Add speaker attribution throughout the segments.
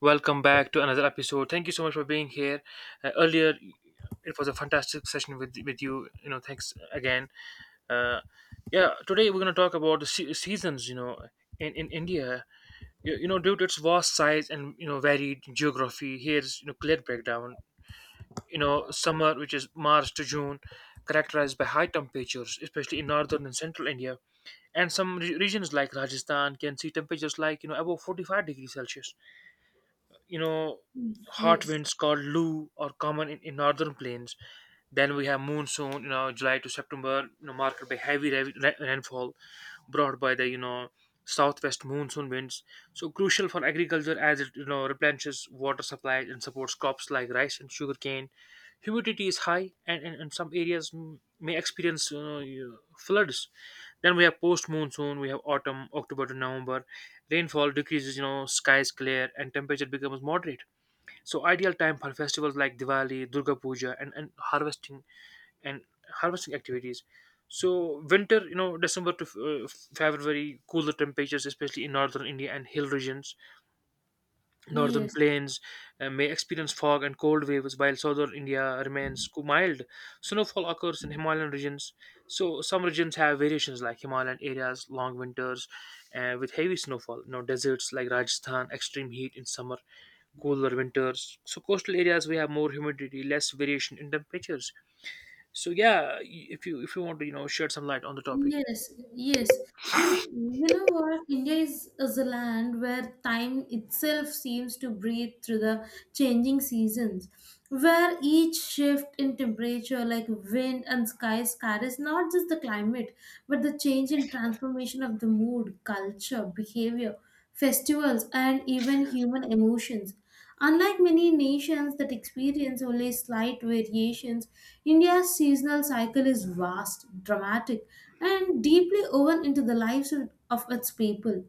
Speaker 1: Welcome back to another episode. Thank you so much for being here. Earlier, it was a fantastic session with you. Thanks again. Uh, yeah, Today we're gonna talk about the seasons. In India, due to its vast size and varied geography, here's clear breakdown. Summer, which is March to June, characterized by high temperatures, especially in northern and central India, and some regions like Rajasthan can see temperatures above 45 degrees Celsius you know, hot
Speaker 2: Yes,
Speaker 1: winds called Lou are common in northern plains. Then we have monsoon, July to September, marked by heavy rain, rainfall brought by the, southwest monsoon winds. So crucial for agriculture as it replenishes water supply and supports crops like rice and sugarcane. Humidity is high and in some areas may experience floods. Then we have post monsoon, we have autumn, October to November. Rainfall decreases, skies clear and temperature becomes moderate. So ideal time for festivals like Diwali, Durga Puja, and and harvesting activities. So winter, December to February, cooler temperatures, especially in northern India and hill regions. Northern
Speaker 2: yes,
Speaker 1: plains may experience fog and cold waves, while southern India remains mild. Snowfall occurs in Himalayan regions, so some regions have variations like Himalayan areas, long winters with heavy snowfall. Deserts like Rajasthan, extreme heat in summer, cooler winters. So coastal areas we have more humidity, less variation in temperatures. So yeah, if you want to shed some light on the topic.
Speaker 2: yes, yes. In You know what, India is a land where time itself seems to breathe through the changing seasons, where each shift in temperature, like wind and sky, scatters not just the climate, but the change and transformation of the mood, culture, behavior, festivals, and even human emotions. Unlike many nations that experience only slight variations, India's seasonal cycle is vast, dramatic, and deeply woven into the lives of its people.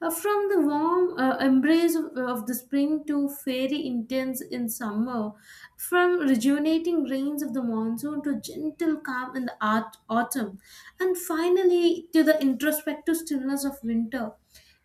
Speaker 2: From the warm embrace of the spring to fairy intense in summer, from rejuvenating rains of the monsoon to gentle calm in the art, autumn, and finally to the introspective stillness of winter.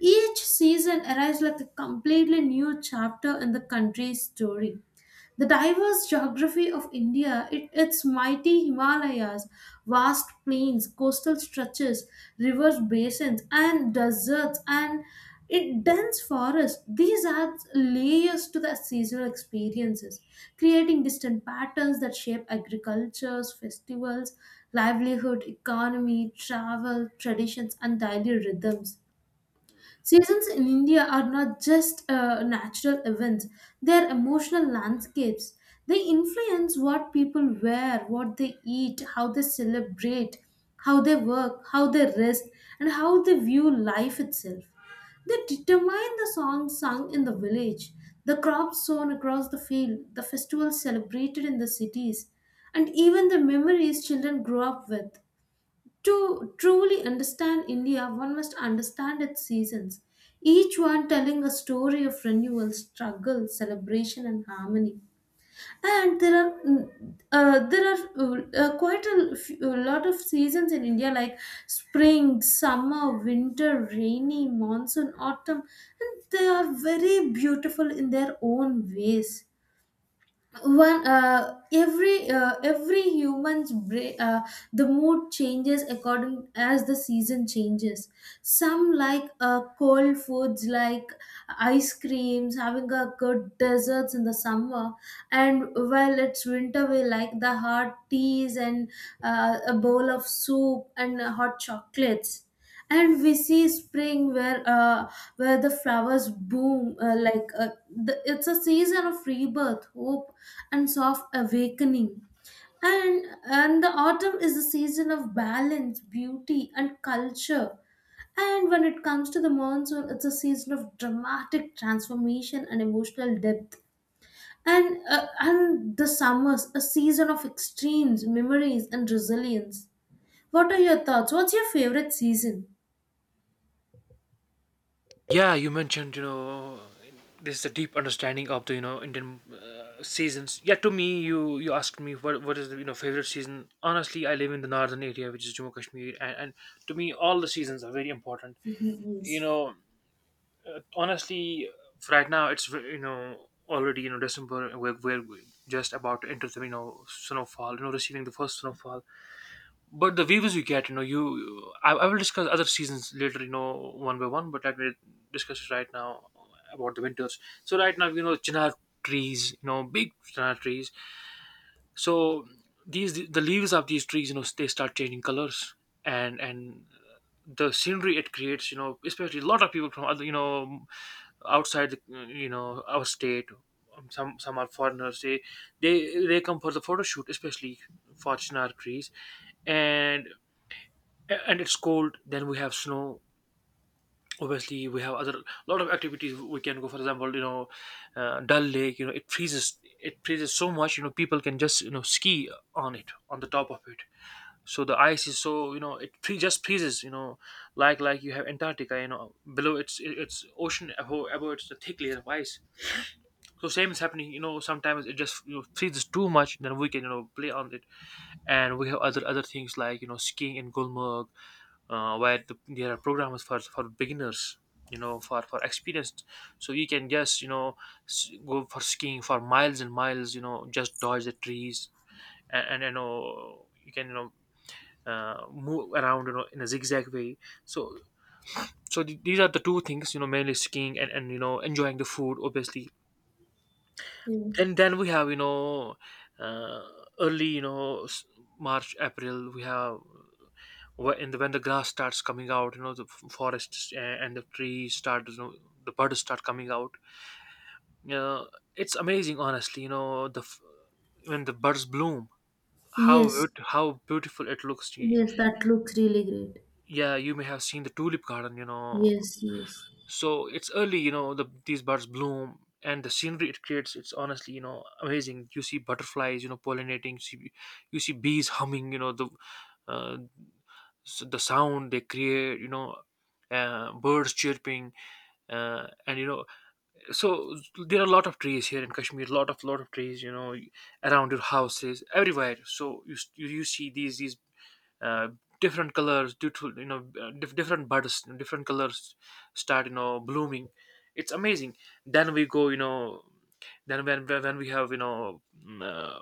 Speaker 2: Each season arrives like a completely new chapter in the country's story. The diverse geography of India, it, its mighty Himalayas, vast plains, coastal stretches, rivers, basins, and deserts, and it dense forest, these adds layers to the seasonal experiences, creating distant patterns that shape agricultures, festivals, livelihood, economy, travel, traditions, and daily rhythms. Seasons in India are not just natural events, they are emotional landscapes. They influence what people wear, what they eat, how they celebrate, how they work, how they rest, and how they view life itself. They determine the songs sung in the village, the crops sown across the field, the festivals celebrated in the cities, and even the memories children grow up with. To truly understand India, one must understand its seasons, each one telling a story of renewal, struggle, celebration, and harmony. And there are quite a lot of seasons in India, like spring, summer, winter, rainy, monsoon, autumn, and they are very beautiful in their own ways. One every the mood changes according as the season changes. Some like cold foods like ice creams, having a good desserts in the summer, and while it's winter we like the hot teas and a bowl of soup and hot chocolates. And we see spring where where the flowers bloom, it's a season of rebirth, hope, and soft awakening. And the autumn is the season of balance, beauty, and culture. And when it comes to the monsoon, it's a season of dramatic transformation and emotional depth. And the summers a season of extremes, memories, and resilience. What are your thoughts? What's your favorite season?
Speaker 1: Yeah, you mentioned this is a deep understanding of the Indian seasons. Yeah, to me, you asked me what is the favorite season. Honestly, I live in the northern area, which is Jammu Kashmir, and to me, all the seasons are very important.
Speaker 2: Mhm.
Speaker 1: You
Speaker 2: Yes.
Speaker 1: know, honestly, right now it's already December, and we're just about to enter the snowfall. Receiving the first snowfall, but the views you get you know you I will discuss other seasons later, one by one, but let me discuss it right now about the winters. So right now chinar trees, big chinar trees. So these the leaves of these trees they start changing colors, and the scenery it creates especially a lot of people from other, outside the, our state. Some are foreigners, they come for the photo shoot, especially for chinar trees. And and it's cold, then we have snow. Obviously we have other, lot of activities we can go, for example, Dal Lake, it freezes, it freezes so much, people can just ski on it, on the top of it. So the ice is so, just freezes, like, you have Antarctica, below it's it's ocean, above it's a thick layer of ice. So same is happening, sometimes it just freezes too much, then we can play on it. And we have other things like skiing in Gulmarg, where the, there are programs for beginners, for experienced. So you can just go for skiing for miles and miles, just dodge the trees, and you can move around in a zigzag way. So, so these are the two things, mainly skiing, and enjoying the food, obviously.
Speaker 2: Yeah.
Speaker 1: Then we have, uh, early, March, April, we have, and when the grass starts coming out, the forests and the trees start, the birds start coming out. uh, it's amazing, honestly, the when the birds bloom, how
Speaker 2: Yes,
Speaker 1: how beautiful it looks.
Speaker 2: yes, that looks really great.
Speaker 1: Yeah, you may have seen the tulip garden,
Speaker 2: Yes, yes,
Speaker 1: so it's early, the, these birds bloom and the scenery it creates, it's honestly, amazing. You see butterflies, pollinating, you see bees humming, the uh, the sound they create, birds chirping, and so there are a lot of trees here in Kashmir, lot of trees, around your houses everywhere. So you you, you see these uh, different colors due to, different buds, different colors start, blooming. It's amazing. Then we go, then when we have,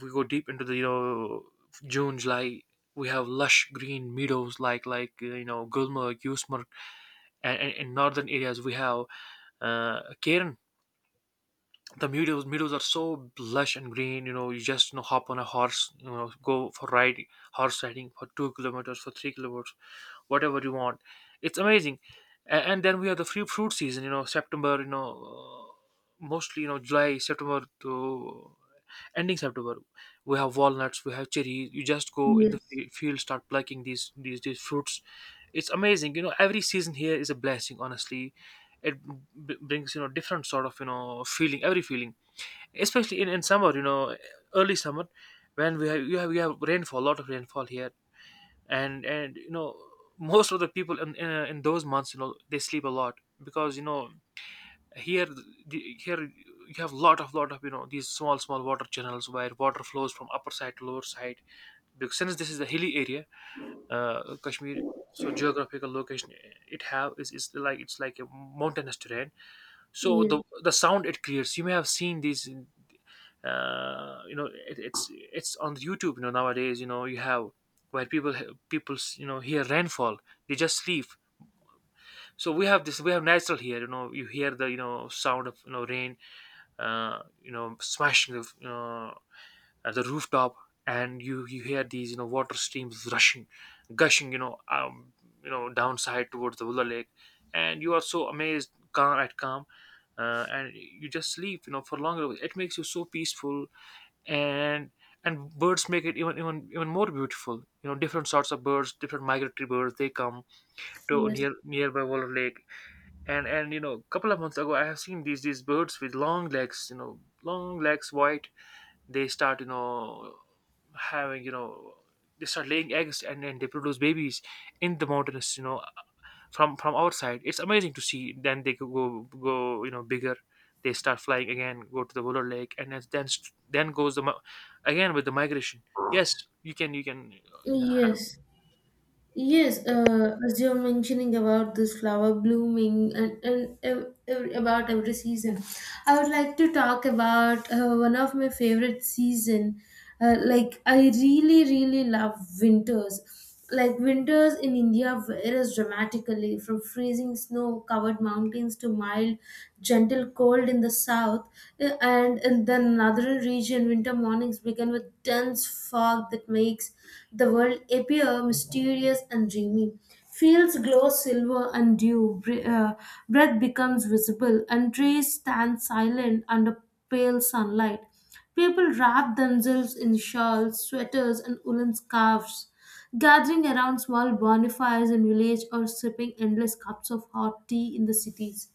Speaker 1: we go deep into the, June, July, we have lush green meadows like, Gulmarg, Yusmarg, and in northern areas we have Cairn. The meadows, meadows are so lush and green, you just hop on a horse, go for ride, horse riding for 2 kilometers, for 3 kilometers, whatever you want. It's amazing. And then we have the free fruit season, september, mostly, july september to ending september, we have walnuts, we have cherries, you just go in the
Speaker 2: yes,
Speaker 1: field, start plucking these fruits. It's amazing, every season here is a blessing, honestly. It brings, different sort of, feeling, every feeling, especially in summer, early summer, when we have, you have rainfall, a lot of rainfall here. And most of the people in those months, they sleep a lot, because, here the, here you have, lot of, these small water channels where water flows from upper side to lower side, because since this is a hilly area, Kashmir. So geographical location, it have is like, it's like a mountainous terrain. So
Speaker 2: yes,
Speaker 1: the sound it creates, you may have seen these it's on YouTube, nowadays, you have where people, hear rainfall, they just sleep. So we have this, we have natural here, you hear the, sound of, rain, smashing the, at the rooftop. And you hear these, water streams rushing, gushing, downside, towards the Willa lake, and you are so amazed, calm at calm. And you just sleep, for longer, it makes you so peaceful. and and birds make it even more beautiful, different sorts of birds, different migratory birds, they come to
Speaker 2: yes,
Speaker 1: nearby Waller lake. And a couple of months ago I have seen these birds with long legs, long legs, white. They start, you know having you know they start laying eggs, and then they produce babies in the mountains, from our side, it's amazing to see. Then they go, bigger, they start flying again, go to the polar lake, and then then goes the again with the migration. Yes, you can, you know
Speaker 2: yes. Yes, as you're mentioning about this flower blooming and about every season, I would like to talk about one of my favorite season. Like I really, really love winters. Like winters in India varies dramatically from freezing snow-covered mountains to mild, gentle cold in the south, and in the northern region winter mornings begin with dense fog that makes the world appear mysterious and dreamy. Fields glow silver and dew, breath becomes visible, and trees stand silent under pale sunlight. People wrap themselves in shawls, sweaters, and woolen scarves, gathering around small bonfires in village or sipping endless cups of hot tea in the cities.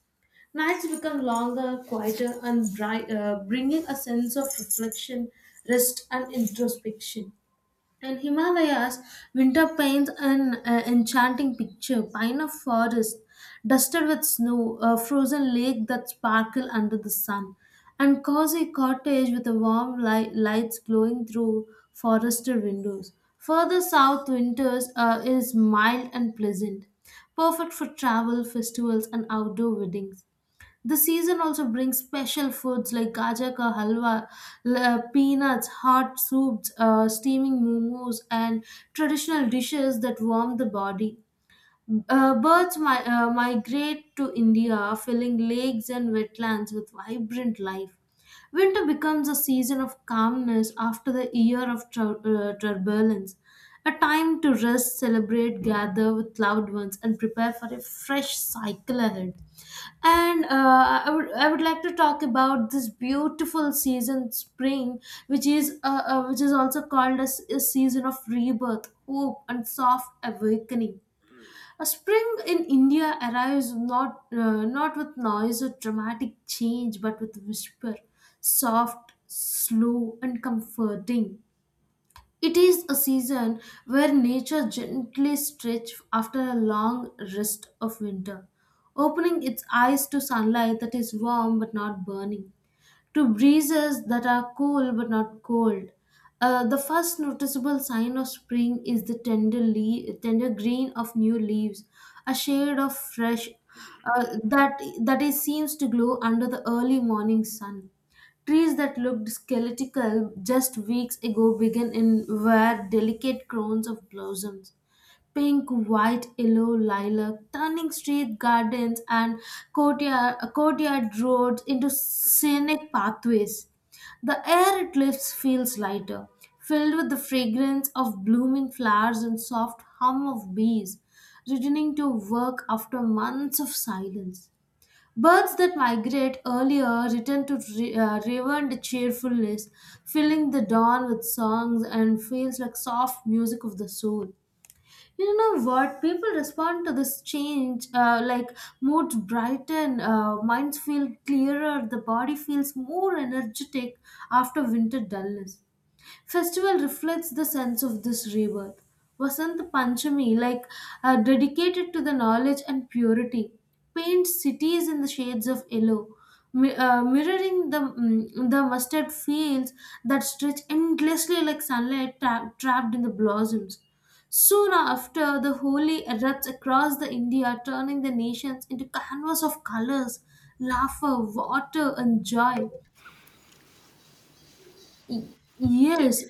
Speaker 2: Nights become longer, quieter, and bringing a sense of reflection, rest, and introspection. In Himalayas, winter paints an enchanting picture: pine of forest, dusted with snow, a frozen lake that sparkle under the sun, and cozy cottage with the warm lights glowing through forested windows. Further south, winters is mild and pleasant, perfect for travel, festivals, and outdoor weddings. The season also brings special foods like gajak ka halwa, peanuts, hot soups, steaming momos, and traditional dishes that warm the body. Birds migrate to India, filling lakes and wetlands with vibrant life. Winter becomes a season of calmness after the year of turbulence, a time to rest, celebrate, gather with loved ones, and prepare for a fresh cycle ahead. I would like to talk about this beautiful season, spring, which is also called as a season of rebirth, hope, and soft awakening. A spring in India arrives not not with noise or dramatic change, but with whisper, soft, slow, and comforting. It is a season where nature gently stretches after a long rest of winter, opening its eyes to sunlight that is warm but not burning, to breezes that are cool but not cold. The first noticeable sign of spring is the tender, tender green of new leaves, a shade of fresh that it seems to glow under the early morning sun. Trees that looked skeletal just weeks ago begin in wear delicate crowns of blossoms pink, white, yellow, lilac, turning street gardens and courtyard roads into scenic pathways. The air it lifts feels lighter, filled with the fragrance of blooming flowers and soft hum of bees, returning to work after months of silence. Birds that migrate earlier return to reverent cheerfulness, filling the dawn with songs and feels like soft music of the soul. You know what? People respond to this change like moods brighten, minds feel clearer, the body feels more energetic after winter dullness. Festival reflects the sense of this rebirth. Vasant Panchami, like dedicated to the knowledge and purity, paints cities in the shades of yellow, mirroring the mustard fields that stretch endlessly like sunlight trapped in the blossoms. Soon after, the Holi erupts across the India, turning the nations into canvas of colors, laughter, water, and joy. Yes,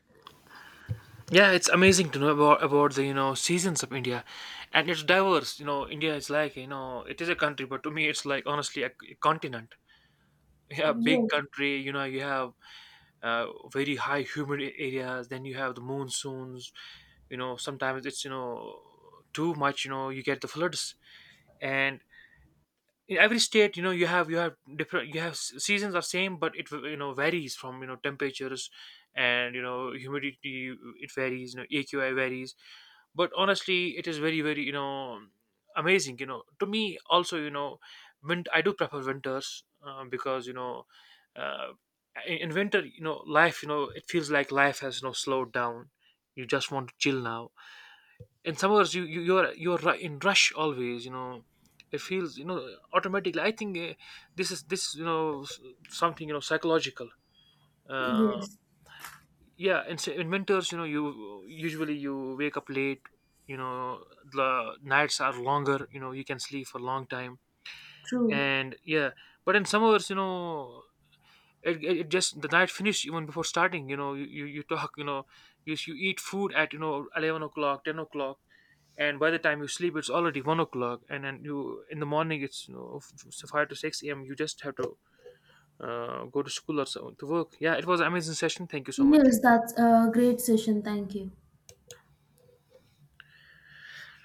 Speaker 1: yeah, it's amazing to know about the, seasons of India. And it's diverse, India is like, it is a country, but to me it's like, honestly, a continent. Yeah, big
Speaker 2: yes,
Speaker 1: country, you have very high humid areas, then you have the monsoons, sometimes it's, too much, you get the floods. And in every state, you have, different, you have seasons are same, but it, varies from, temperatures and, humidity, it varies, AQI varies. But honestly, it is very, amazing. To me also, when I do prefer winters, because, uh, in winter, life, it feels like life has, slowed down, you just want to chill. Now in summers, you're, in rush always, it feels, automatically, I think, this is this, something, psychological. uh,
Speaker 2: yes.
Speaker 1: yeah and so in winters, you usually, you wake up late, you know the nights are longer, you can sleep for a long time.
Speaker 2: True.
Speaker 1: And yeah, but in summers, it just, the night finish even before starting, you talk, you eat food at, 11 o'clock, 10 o'clock, and by the time you sleep it's already 1 o'clock, and then you in the morning it's, so 5 to 6 a.m., you just have to go to school or so, to work. Yeah, it was an amazing session, thank you so much.
Speaker 2: Yes, that's a great session. Thank you.